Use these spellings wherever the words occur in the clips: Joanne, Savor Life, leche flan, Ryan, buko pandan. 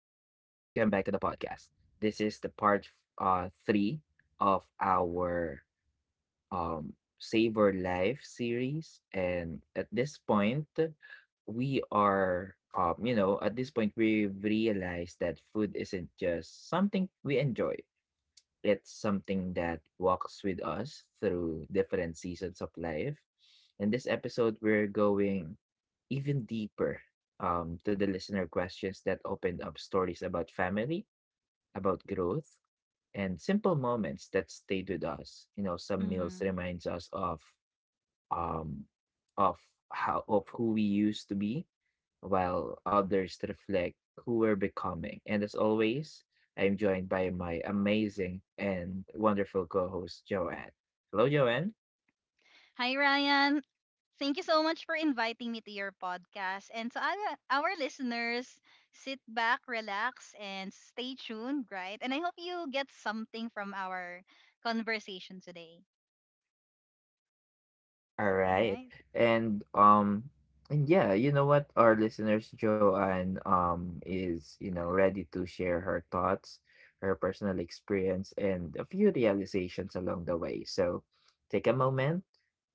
back to the podcast. This is the part three of our Savor Life series. And at this point, we are, you know, at this point, we realize that food isn't just something we enjoy, it's something that walks with us through different seasons of life. In this episode, we're going even deeper to the listener questions that opened up stories about family, about growth, and simple moments that stayed with us. You know, some meals Mm. reminds us um, of how of who we used to be, while others reflect who we're becoming. And as always, I'm joined by my amazing and wonderful co-host Joanne. Hello, Joanne. Hi, Ryan. Thank you so much for inviting me to your podcast. And to our listeners, sit back, relax, and stay tuned, right? And I hope you get something from our conversation today. All All right. right? And um and yeah, you know what? Our listeners, Joanne is, you know, ready to share her thoughts, her personal experience, and a few realizations along the way. So take a moment,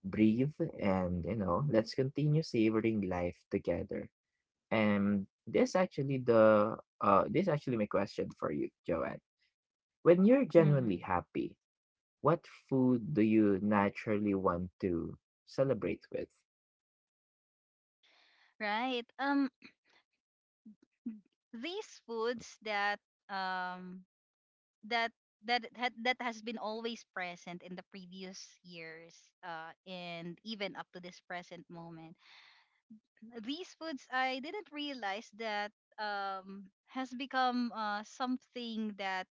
breathe, and you know, let's continue savoring life together. And this actually my question for you, Joanne. When you're Mm-hmm. genuinely happy, what food do you naturally want to celebrate with? Right. Um, these foods that um that that had that has been always present in the previous years, and even up to this present moment. These foods I didn't realize that has become something that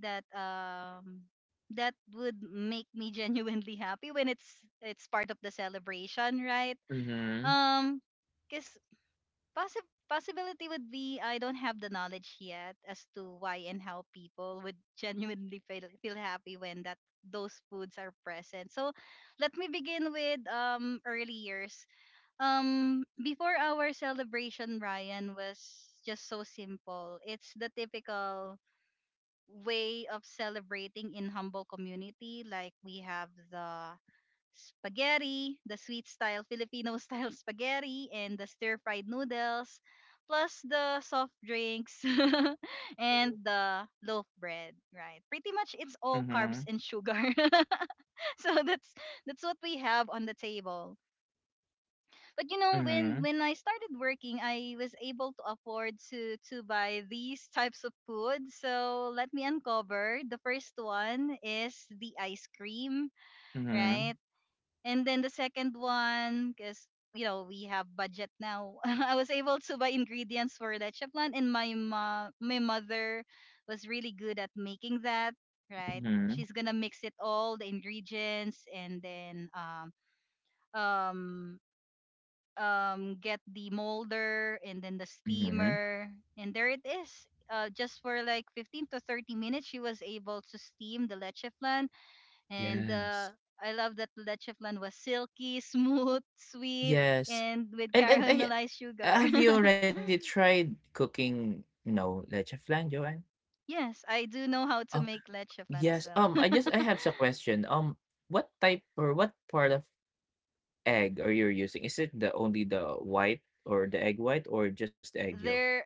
that um that would make me genuinely happy when it's part of the celebration, right? Mm-hmm. Um cuz possibility would be I don't have the knowledge yet as to why and how people would genuinely feel happy when that those foods are present. So let me begin with early years, before our celebration, Ryan, was just so simple. It's the typical way of celebrating in humble community. Like we have the spaghetti, the sweet style Filipino style spaghetti, and the stir fried noodles, plus the soft drinks and the loaf bread. Right. Pretty much, it's all carbs Mm-hmm. and sugar. So that's what we have on the table, but you know, when Mm-hmm. when I started working, I was able to afford to buy these types of food. So let me uncover. The first one is the ice cream, Mm-hmm. right? And then the second one, because you know we have budget now, I was able to buy ingredients for leche plan, and my mother was really good at making that, right? Mm-hmm. She's gonna mix it all the ingredients and then um get the molder and then the Mm-hmm. steamer, and there it is. Just for like 15 to 30 minutes, she was able to steam the leche flan, and Yes. I love that the leche flan was silky, smooth, sweet, Yes. and with And yeah, caramelized sugar. Have you already tried cooking, you know, leche flan, Joanne? Yes, I do know how to Um. make leche flan as Yes. Well. I have some question. What type or what part of egg are you using? Is it the only the white or the egg white or just the egg yolk? there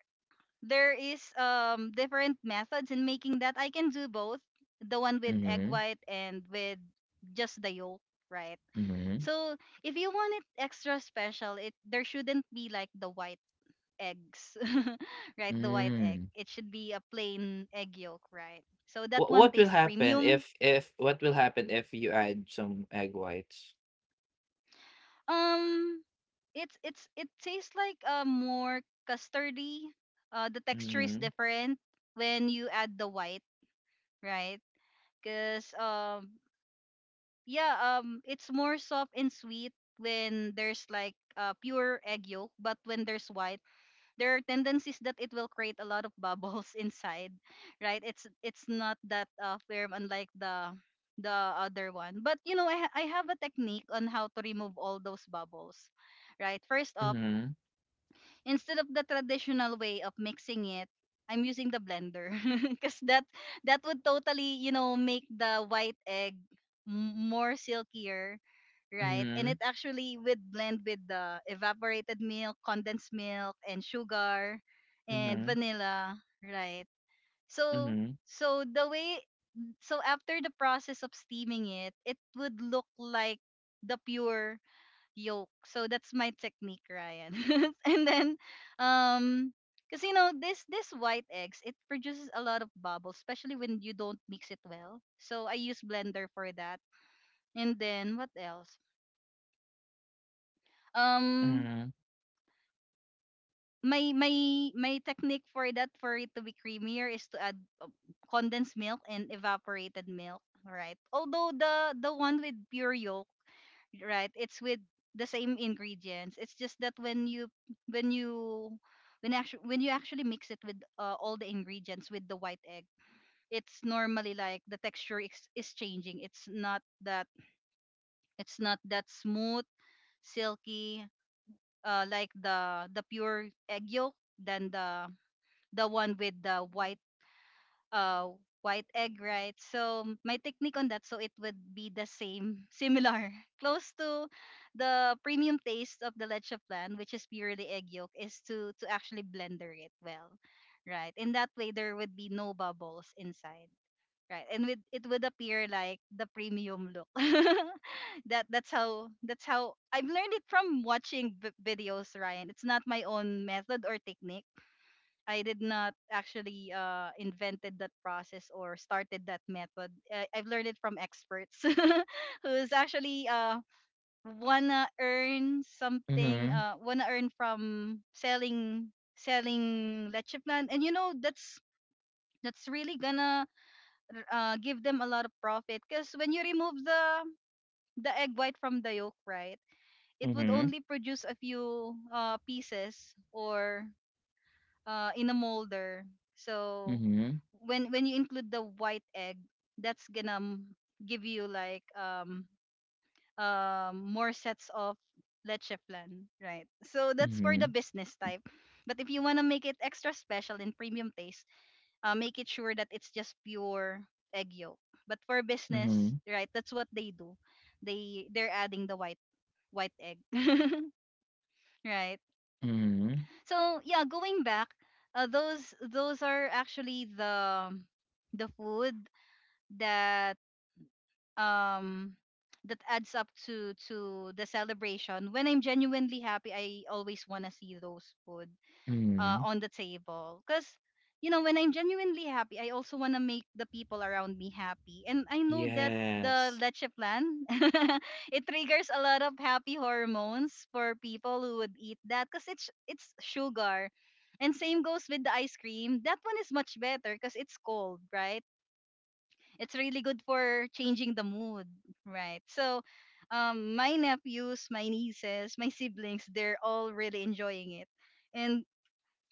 there is different methods in making that. I can do both, the one with egg Mhm, white and with just the yolk, right? mhm, So if you want it extra special, it there shouldn't be like the white eggs, right? The white egg. mm. It should be a plain egg yolk, right? So that What one what will tastes happen premium. if what will happen if you add some egg whites? Um, it's it tastes like more custardy. The texture is Mhm, different when you add the white, right? Because yeah, it's more soft and sweet when there's like pure egg yolk, but when there's white, there are tendencies that it will create a lot of bubbles inside, right? It's not that firm, unlike the other one. But you know, I have a technique on how to remove all those bubbles, right? First off, mhm, instead of the traditional way of mixing it, I'm using the blender because that would totally you know make the white egg more silkier, right? And mhm, it actually would blend with the evaporated milk, condensed milk, and sugar, and vanilla, right? So mhm, so the way so after the process of steaming it, it would look like the pure yolk. So that's my technique, Ryan. And then um because you know this white eggs it produces a lot of bubbles, especially when you don't mix it well. So I use blender for that. And then what else? Um mhm, my my technique for that for it to be creamier is to add uh, condensed milk and evaporated milk, right? Although the one with pure yolk, right, it's with the same ingredients. It's just that when you when you actually mix it with all the ingredients with the white egg, it's normally like the texture is changing. It's not that smooth, silky, like the pure egg yolk than the one with the white uh white egg, right? So my technique on that, so it would be the same, similar, close to the premium taste of the leche plan, which is purely egg yolk, is to actually blender it well, right? In that way there would be no bubbles inside, right? And with, it would appear like the premium look. That's how I've learned it from watching videos, Ryan. It's not my own method or technique. I did not actually invented that process or started that method. I've learned it from experts who's actually wanna earn something, mhm, wanna earn from selling leche plan, and you know that's really gonna give them a lot of profit because when you remove the egg white from the yolk, right, it would mhm, only produce a few pieces or in a molder. So mhm, when you include the white egg, that's gonna give you like more sets of leche flan, right? So that's for mhm, the business type. But if you wanna make it extra special in premium taste, make it sure that it's just pure egg yolk. But for mhm, mhm, business, right? That's what they do. They're adding the white egg, right? mhm, So yeah, going back, those are actually the food that um that adds up to the celebration. When I'm genuinely happy, I always wanna see those food mhm. on the table. Because, you know, when I'm genuinely happy, I also want to make the people around me happy. And I know that the Yes. leche plan, it triggers a lot of happy hormones for people who would eat that because it's sugar. And same goes with the ice cream. That one is much better because it's cold, right? It's really good for changing the mood, right? So, my nephews, my nieces, my siblings, they're all really enjoying it. And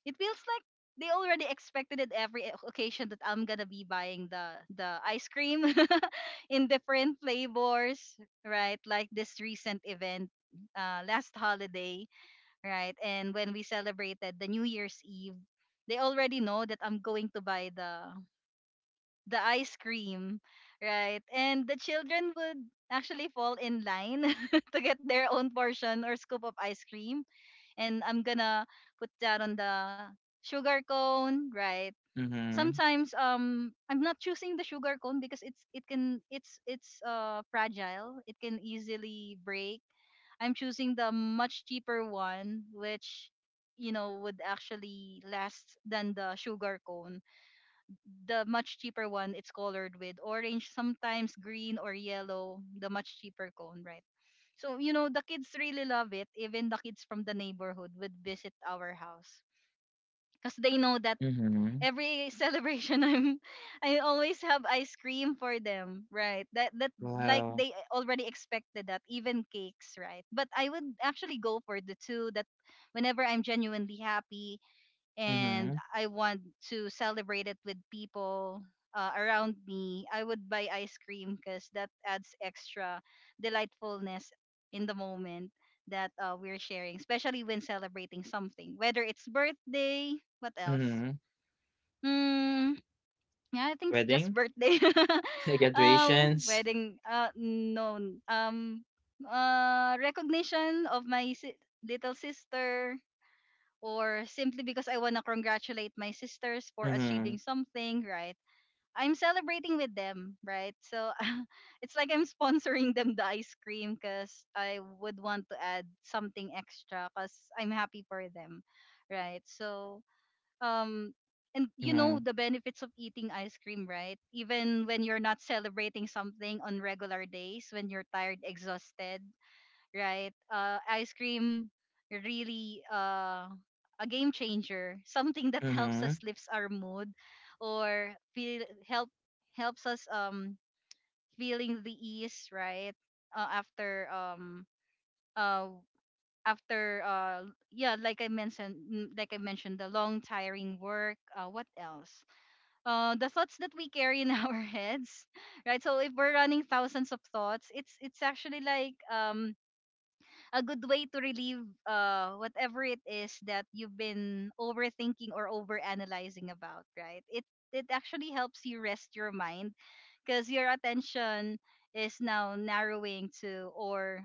it feels like they already expected it every occasion that I'm gonna be buying the ice cream in different flavors, right? Like this recent event, uh, last holiday, right? And when we celebrated the New Year's Eve, they already know that I'm going to buy the ice cream, right? And the children would actually fall in line to get their own portion or scoop of ice cream, and I'm gonna put that on the sugar cone, right? Mhm, Sometimes I'm not choosing the sugar cone because it's fragile. It can easily break. I'm choosing the much cheaper one, which you know would actually last than the sugar cone. The much cheaper one, it's colored with orange, sometimes green or yellow, the much cheaper cone, right? So, you know, the kids really love it. Even the kids from the neighborhood would visit our house because they know that mhm. every celebration I'm I always have ice cream for them, right? That like Wow. they already expected that, even cakes, right? But I would actually go for the two that whenever I'm genuinely happy, and Mhm, I want to celebrate it with people around me, I would buy ice cream because that adds extra delightfulness in the moment that we're sharing, especially when celebrating something, whether it's birthday, what else? mhm. Hmm, yeah, I think it's just Wedding, birthday. Graduations. wedding, no, um, recognition of little sister, or simply because I want to congratulate my sisters for Mhm, achieving something, right? I'm celebrating with them, right? So it's like I'm sponsoring them the ice cream because I would want to add something extra because I'm happy for them, right? So, um, and you mhm, know the benefits of eating ice cream, right? Even when you're not celebrating something on regular days, when you're tired, exhausted, right? Ice cream really a game changer, something that helps mhm, us lifts our mood or feel help helps us feeling the ease, right? Uh, after um uh after yeah, like I mentioned, like I mentioned the long tiring work, uh, what else, the thoughts that we carry in our heads, right? So if we're running thousands of thoughts, it's actually like a good way to relieve whatever it is that you've been overthinking or overanalyzing about, right? It actually helps you rest your mind because your attention is now narrowing to or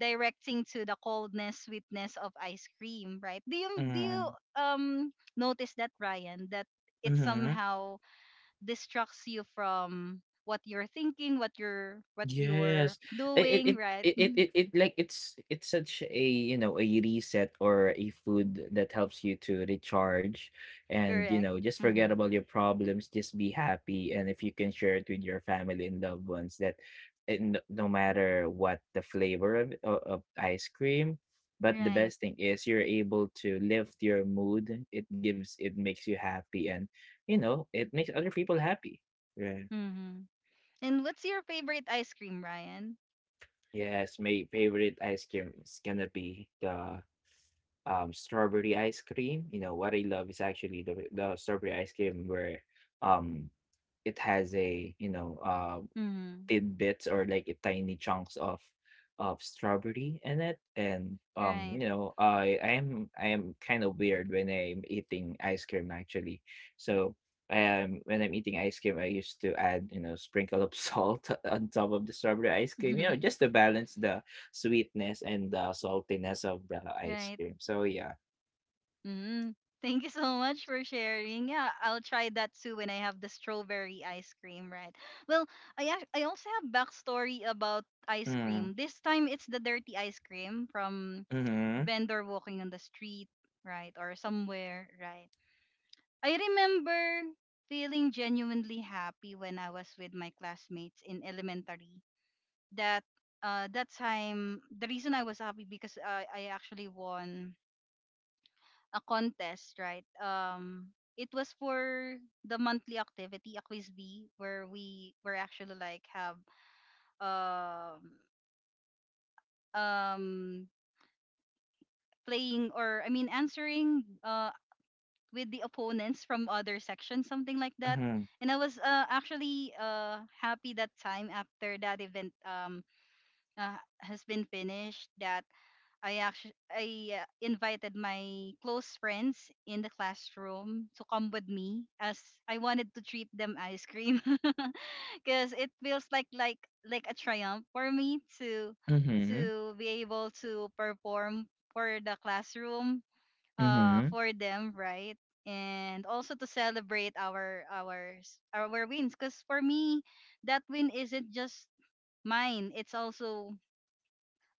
directing to the coldness sweetness of ice cream, right? Do you mhm, um notice that, Ryan, that it mhm. somehow distracts you from what you're thinking, what you're Yes. It doing, it right? it it it, it like it's such a, you know, a reset or a food that helps you to recharge, and you Correct. know, just forget Mm-hmm. about your problems, just be happy, and if you can share it with your family and loved ones that it, no matter what the flavor of ice cream, but the Right. best thing is you're able to lift your mood, it gives it makes you happy, and you know, it makes other people happy. Right. Mm-hmm. And what's your favorite ice cream, Ryan? Yes, my favorite ice cream is gonna be the strawberry ice cream. You know, what I love is actually the strawberry ice cream where um it has a, you know, Mm-hmm. tidbits or like a tiny chunks of strawberry in it. And Right. you know, I am kind of weird when I'm eating ice cream, actually. So I am when I'm eating ice cream, I used to add, you know, sprinkle of salt on top of the strawberry ice cream, you know, just to balance the sweetness and the saltiness of the ice Right. cream. So yeah. Mm-hmm. Thank you so much for sharing. Yeah, I'll try that too when I have the strawberry ice cream, right? Well, I also have backstory about ice Mm, cream. This time it's the dirty ice cream from mm-hmm, vendor walking on the street, right, or somewhere, right? I remember feeling genuinely happy when I was with my classmates in elementary that that time the reason I was happy because I actually won a contest, right? It was for the monthly activity, a quiz bee, where we were actually like have um um playing or I mean answering with the opponents from other sections, something like that. mm-hmm, And I was actually happy that time after that event uh, has been finished that I invited my close friends in the classroom to come with me as I wanted to treat them ice cream because it feels like a triumph for me mm-hmm, to be able to perform for the classroom mm-hmm. for them, right? And also to celebrate our wins, because for me that win isn't just mine, it's also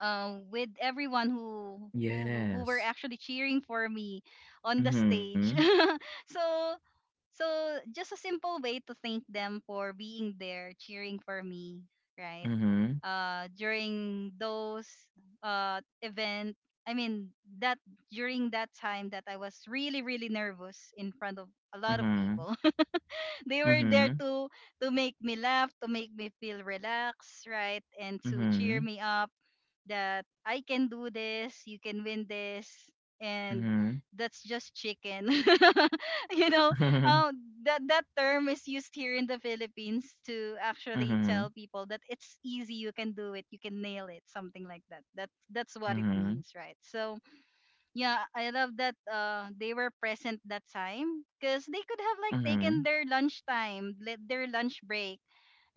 with everyone who were Yes. actually cheering for me on the Mm-hmm, stage. so so just a simple way to thank them for being there cheering for me, right? mm-hmm, During those event, I mean that during that time that I was really really nervous in front of a mm-hmm, lot of people. They were mm-hmm. there to make me laugh, to make me feel relaxed, right? And to Mhm, cheer me up that I can do this, you can win this, and mhm, that's just chicken. you know, um, that that term is used here in the Philippines to actually mhm, tell people that it's easy, you can do it, you can nail it, something like that. That's what it mhm, means, right? So yeah, I love that they were present that time because they could have like mhm, taken their lunch time, their lunch break,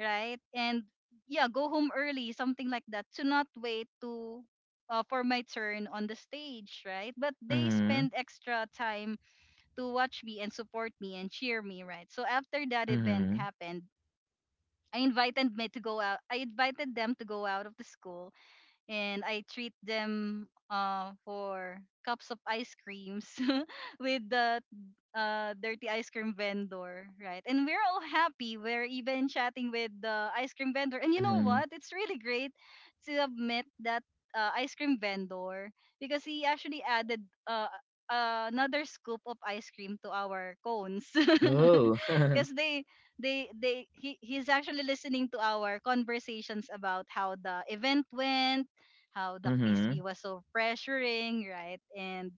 right? And yeah, go home early, something like that, to not wait to for my turn on the stage, right? But they mhm, spend extra time to watch me and support me and cheer me, right? So after that event mhm, happened, I invited me to go out. I invited them to go out of the school and I treat them for cups of ice creams with the dirty ice cream vendor, right? And we're all happy. We're even chatting with the ice cream vendor. And you know mhm. what? It's really great to have met that ice cream vendor because he actually added another scoop of ice cream to our cones. Oh. Because he's actually listening to our conversations about how the event went, how the quiz bee Mhm, was so pressuring, right? And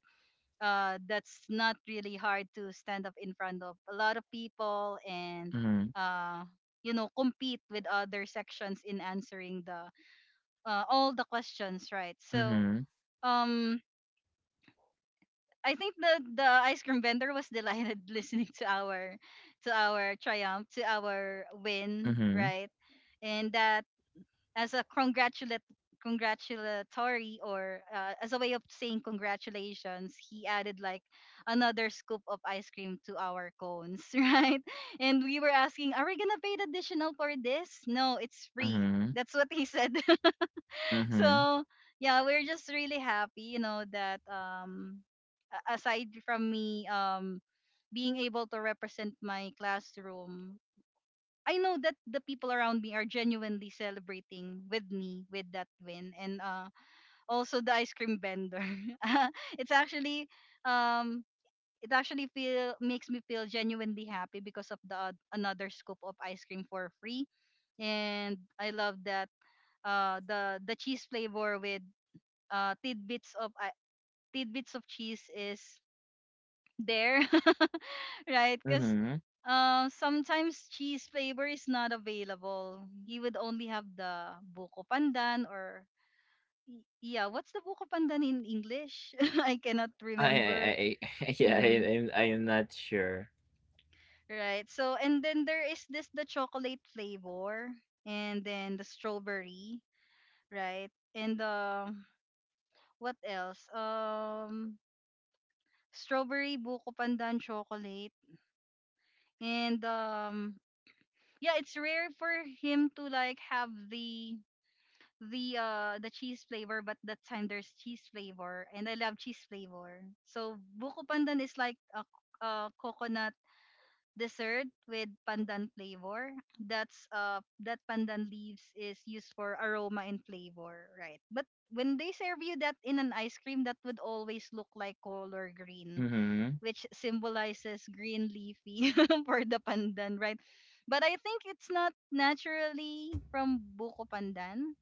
that's not really hard to stand up in front of a lot of people and mhm, uh you know compete with other sections in answering the all the questions, right? So mhm, um I think the ice cream vendor was delighted listening to our triumph, to our win, mhm, right? And that as a congratulate congratulatory or as a way of saying congratulations, he added like another scoop of ice cream to our cones, right? And we were asking, are we gonna pay the additional for this? No, it's free. mhm, That's what he said. mhm, So yeah, we're just really happy, you know, that aside from me being able to represent my classroom, I know that the people around me are genuinely celebrating with me with that win, and uh, also the ice cream vendor. It's actually um it actually feel makes me feel genuinely happy because of the another scoop of ice cream for free. And I love that the cheese flavor with tidbits of cheese is there, right? Because mhm. Sometimes cheese flavor is not available. You would only have the buko pandan or yeah, what's the buko pandan in English? I cannot remember. I yeah, Mm, I'm I am not sure. right. So and then there is this the chocolate flavor and then the strawberry, right? And the what else? Strawberry, buko pandan, chocolate, and yeah, it's rare for him to like have the the cheese flavor, but that time there's cheese flavor and I love cheese flavor. So buko pandan is like a coconut dessert with pandan flavor. That's that pandan leaves is used for aroma and flavor, right? But when they serve you that in an ice cream, that would always look like color green, Mhm. which symbolizes green leafy for the pandan, right? But I think it's not naturally from buko pandan,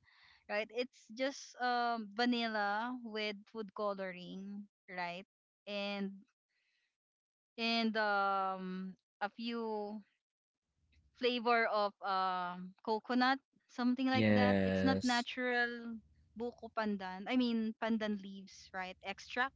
right? It's just vanilla with food coloring, right? And and a few flavor of coconut, something like that. It's not Yes. natural buko pandan. I mean pandan leaves, right? Extract,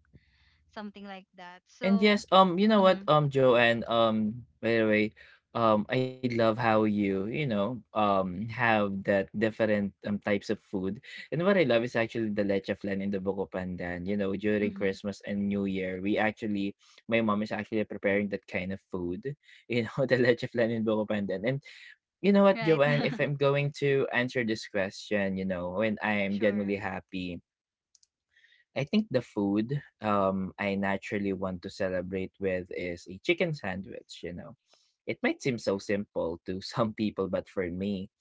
something like that. And So, yes, you know what, mhm, Joanne, by the way, I love how you, you know, have that different types of food. And what I love is actually the leche flan and the buko pandan. You know, during mhm, Christmas and New Year, we actually, my mom is actually preparing that kind of food. You know, the leche flan and buko pandan. And you know what, right. Joanne, if I'm going to answer this question, you know, when I am genuinely Sure. happy, I think the food I naturally want to celebrate with is a chicken sandwich, you know. It might seem so simple to some people, but for me,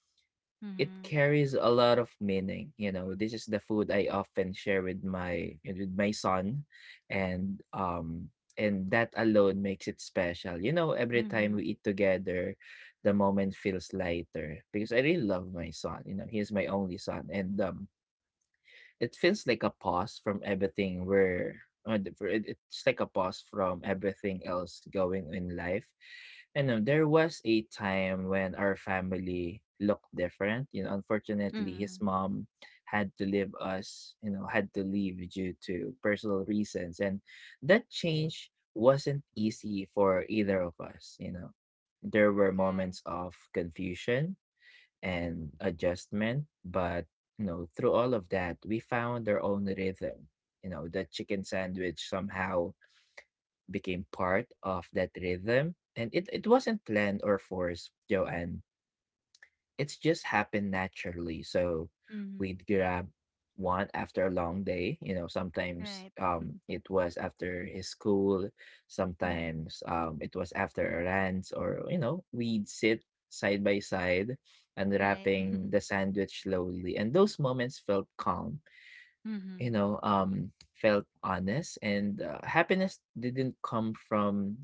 it Mhm. carries a lot of meaning. You know, this is the food I often share with my son, and um and that alone makes it special. You know, every time we Mhm. eat together, the moment feels lighter because I really love my son. You know, he is my only son. And it feels like a pause from everything where it's like a pause from everything else going in life. And there was a time when our family looked different. You know, unfortunately, his Mhm. mom had to leave us. You know, had to leave due to personal reasons, and that change wasn't easy for either of us. You know, there were Right. moments of confusion and adjustment. But you know, through all of that, we found our own rhythm. You know, the chicken sandwich somehow became part of that rhythm. And it wasn't planned or forced, Joanne. It's just happened naturally. So Mhm. we'd grab one after a long day. You know, sometimes Right. It was after his school, Mhm. sometimes it was after a rant, or you know, we'd sit side by side, Right. unwrapping the sandwich slowly. And those moments felt calm, you Mhm. know, felt honest, and happiness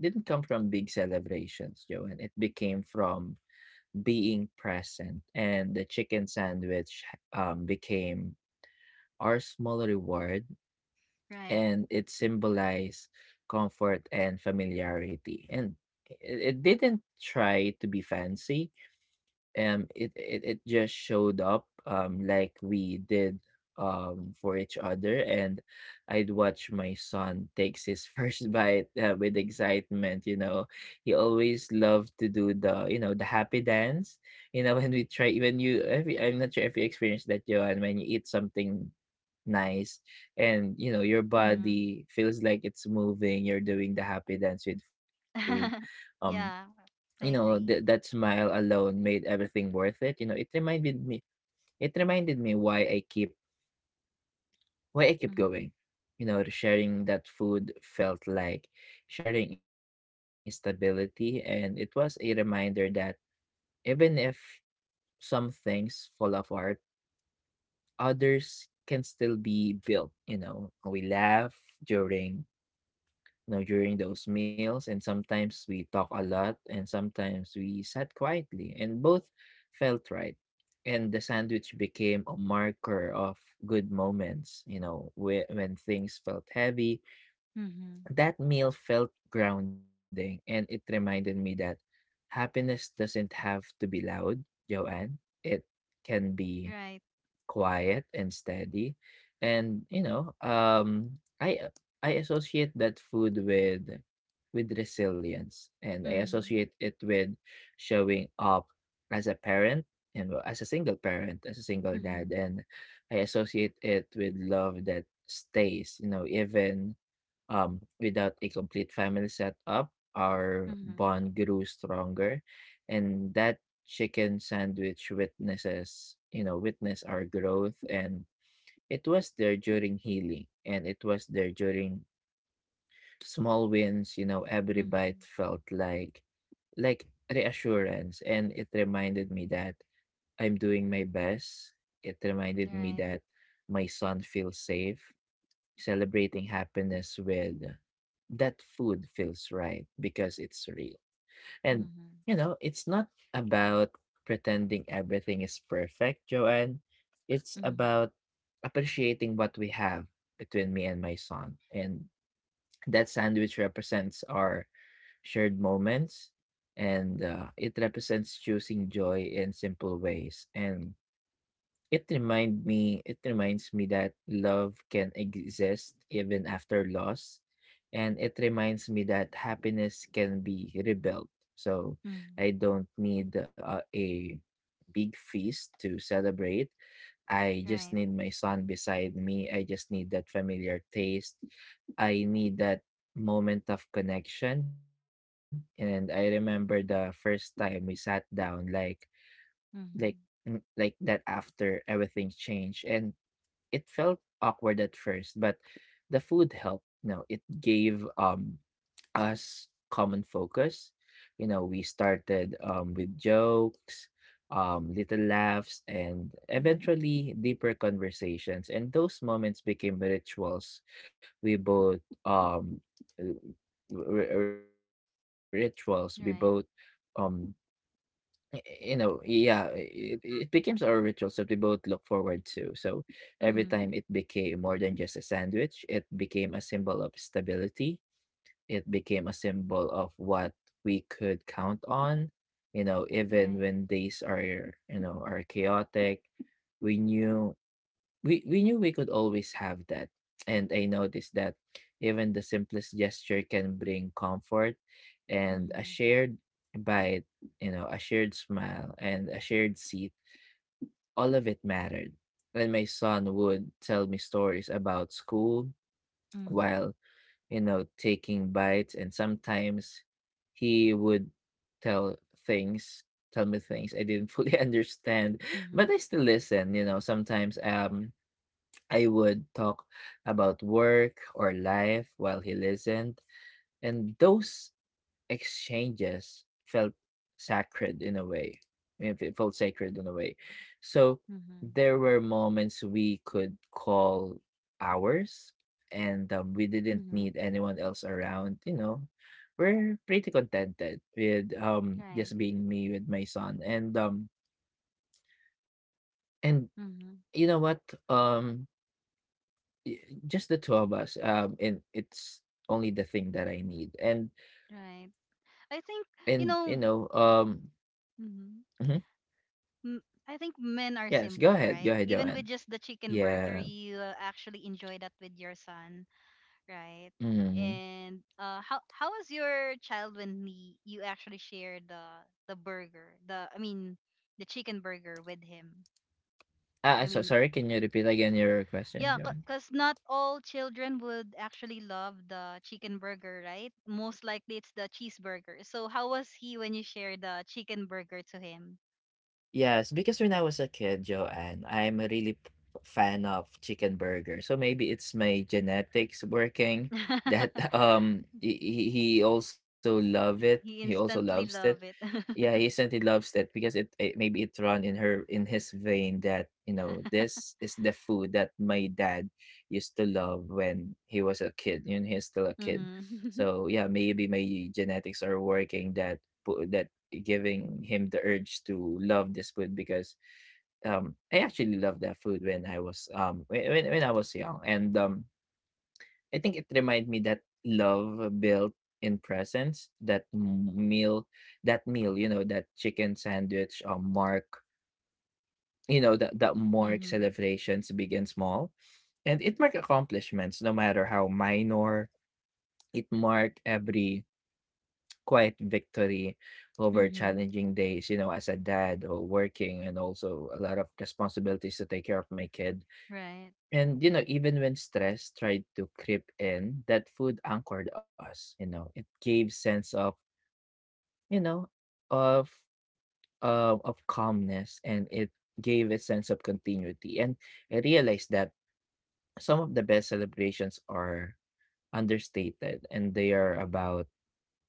didn't come from big celebrations, Joe, and it became from being present. And the chicken sandwich became our small reward, Right. and it symbolized comfort and familiarity. And it didn't try to be fancy, it just showed up like we did for each other. And I'd watch my son takes his first bite with excitement. You know, he always loved to do the, you know, the happy dance. You know, when we try when you every I'm not sure if you experienced that, Joan, when you eat something nice and you know your Mhm. body feels like it's moving, you're doing the happy dance with food. um Yeah, you know, I that agree. smile alone made everything worth it. You know, it reminded me why I keep Mhm. going. You know, sharing that food felt like sharing stability, and it was a reminder that even if some things fall apart, others can still be built. You know, we laugh during you know, during those meals. And sometimes we talk a lot, and sometimes we sat quietly, and both felt right. And the sandwich became a marker of good moments, you know, when things felt heavy. Mhm. That meal felt grounding, and it reminded me that happiness doesn't have to be loud, Joanne. It can be Right. quiet and steady. And you know, I associate that food with resilience, and I Mhm. associate it with showing up as a parent, and well, as a single parent, as a single dad, Mhm. and I associate it with love that stays. You know, even without a complete family setup, our Mhm. bond grew stronger, and that chicken sandwich witnesses, you know, witness our growth. And it was there during healing, and it was there during small wins. You know, every bite Mhm. felt like reassurance, and it reminded me that I'm doing my best. It reminded me Right. that my son feels safe. Celebrating happiness with that food feels right because it's real. And, Mhm. you know, it's not about pretending everything is perfect, Joanne. It's Mhm. about appreciating what we have between me and my son. And that sandwich represents our shared moments, and it represents choosing joy in simple ways. And it reminds me that love can exist even after loss. And it reminds me that happiness can be rebuilt. So Mhm. I don't need a big feast to celebrate. I just Right. need my son beside me. I just need that familiar taste. I need that moment of connection. And I remember the first time we sat down, like Mhm. like that after everything changed. And it felt awkward at first, but the food helped. You know, it gave us common focus. You know, we started with jokes, little laughs, and Mhm. eventually deeper conversations. And those moments became rituals we both um r- r- rituals we both um Right. Y you know, yeah, it becomes our ritual, that we both look forward to. So every time it Mhm. became more than just a sandwich, it became a symbol of stability. It became a symbol of what we could count on. You know, even Right. when days are, you know, are chaotic, we knew we knew we could always have that. And I noticed that even the simplest gesture can bring comfort. And a Mhm. shared bite, you know, a shared smile, and a shared seat, all of it mattered. And my son would tell me stories about school Mhm. while, you know, taking bites. And sometimes he would tell things tell me things I didn't fully understand, but Mhm. I still listen. You know, sometimes I would talk about work or life while he listened, and those exchanges felt sacred in a way. If it felt sacred in a way. So Mhm. there were moments we could call ours, and we didn't Mhm. need anyone else around. You know, we're pretty contented with Right. just being me with my son, and Mhm. you know what um Y just the 2 of us, and it's only the thing that I need, and Right. I think you and, you know know, um Mm-hmm. mhm, Mm, I think men are simple, yes, right? Go Even ahead, with just the Joanne. chicken burger, you Yeah, actually enjoy that with your son, right? And mhm. How was your child when you actually shared the burger, the I mean the chicken burger with him? I mean, Ah, so sorry, can you repeat again your yeah, question, because Joanne? not all children would actually love the chicken burger, right? Most likely it's the cheeseburger. So how was he when you shared the chicken burger to him? Yes, because when I was a kid, Joanne, I'm a really fan of chicken burger. So maybe it's my genetics working that he also love it. He he also loves instantly it. love it. Yeah, he said he loves that because it maybe it run in her in his vein that you know this is the food that my dad used to love when he was a kid and he's still a kid. Mhm. So yeah, maybe my genetics are working that giving him the urge to love this food because I actually loved that food when I was when I was young and I think it reminded me that love built in presence that meal, you know, that chicken sandwich mark, you know, that mark Mhm. celebrations begin small, and it mark accomplishments no matter how minor. It mark every quiet victory over Mhm. challenging days, you know, as a dad or working and also a lot of responsibilities to take care of my kid. Right. And, you know, even when stress tried to creep in, that food anchored us. You know, it gave sense of, you know, of, of calmness, and it gave a sense of continuity. And I realized that some of the best celebrations are understated, and they are about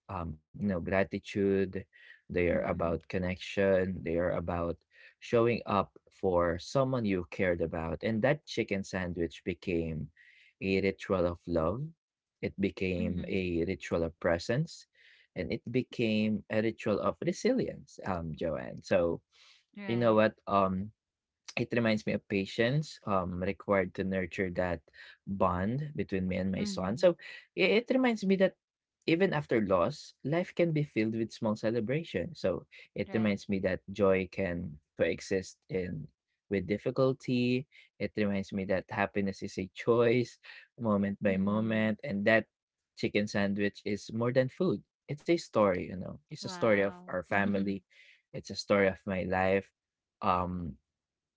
you know, gratitude. They are about Mhm. connection. They are about showing up for someone you cared about. And that chicken sandwich became a ritual of love. It became Mhm. a ritual of presence. And it became a ritual of resilience, Joanne. So you know Right. what? It reminds me of patience required to nurture that bond between me and my son. Mhm. So it reminds me that even after loss, life can be filled with small celebrations. So it Right. reminds me that joy can coexist in with difficulty. It reminds me that happiness is a choice, moment by Mhm. moment, and that chicken sandwich is more than food. It's a story, you know, it's a story of Wow. our family. It's a story of my life, um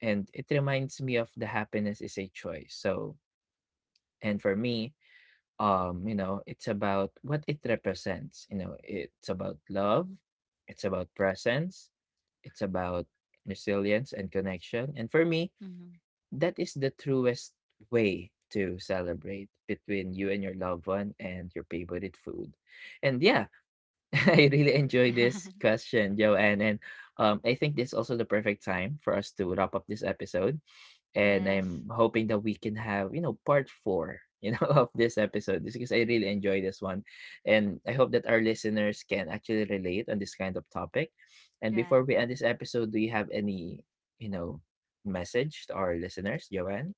and it reminds me of the happiness is a choice. So and for me, you know, it's about what it represents. You know, it's about love. It's about presence. It's about resilience and connection. And for me, Mhm. that is the truest way to celebrate between you and your loved one and your favorite food. And yeah, I really enjoy this question, Joanne. And I think this is also the perfect time for us to wrap up this episode, and Yes. I'm hoping that we can have, you know, part 4, you know, of this episode just because I really enjoy this one. And I hope that our listeners can actually relate on this kind of topic. And Right. before we end this episode, do you have any, you know, message to our listeners, Joanne?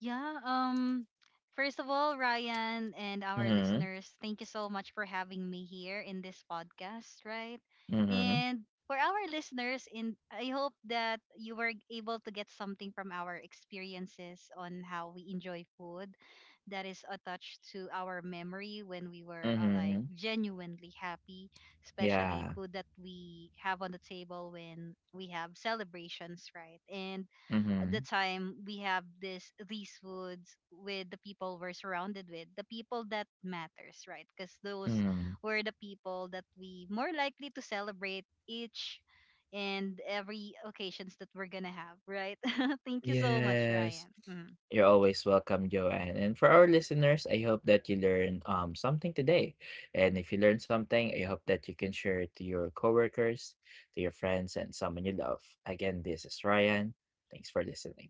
Yeah. First of all, Ryan and our Mm-hmm. listeners, thank you so much for having me here in this podcast. Right. Mm-hmm. And for our listeners, in I hope that you were able to get something from our experiences on how we enjoy food that is attached to our memory when we were like Mm-hmm. genuinely happy, especially Yeah. food that we have on the table when we have celebrations, right? And the Mm-hmm. time we have this these foods with the people we're surrounded with, the people that matters, right? Because those Mm-hmm. were the people that we more likely to celebrate each and every occasions that we're gonna have, right? Thank you so much, Yes. Ryan. Mhm. You're always welcome, Joanne. And for our listeners, I hope that you learned something today. And if you learned something, I hope that you can share it to your coworkers, to your friends, and someone you love. Again, this is Ryan. Thanks for listening.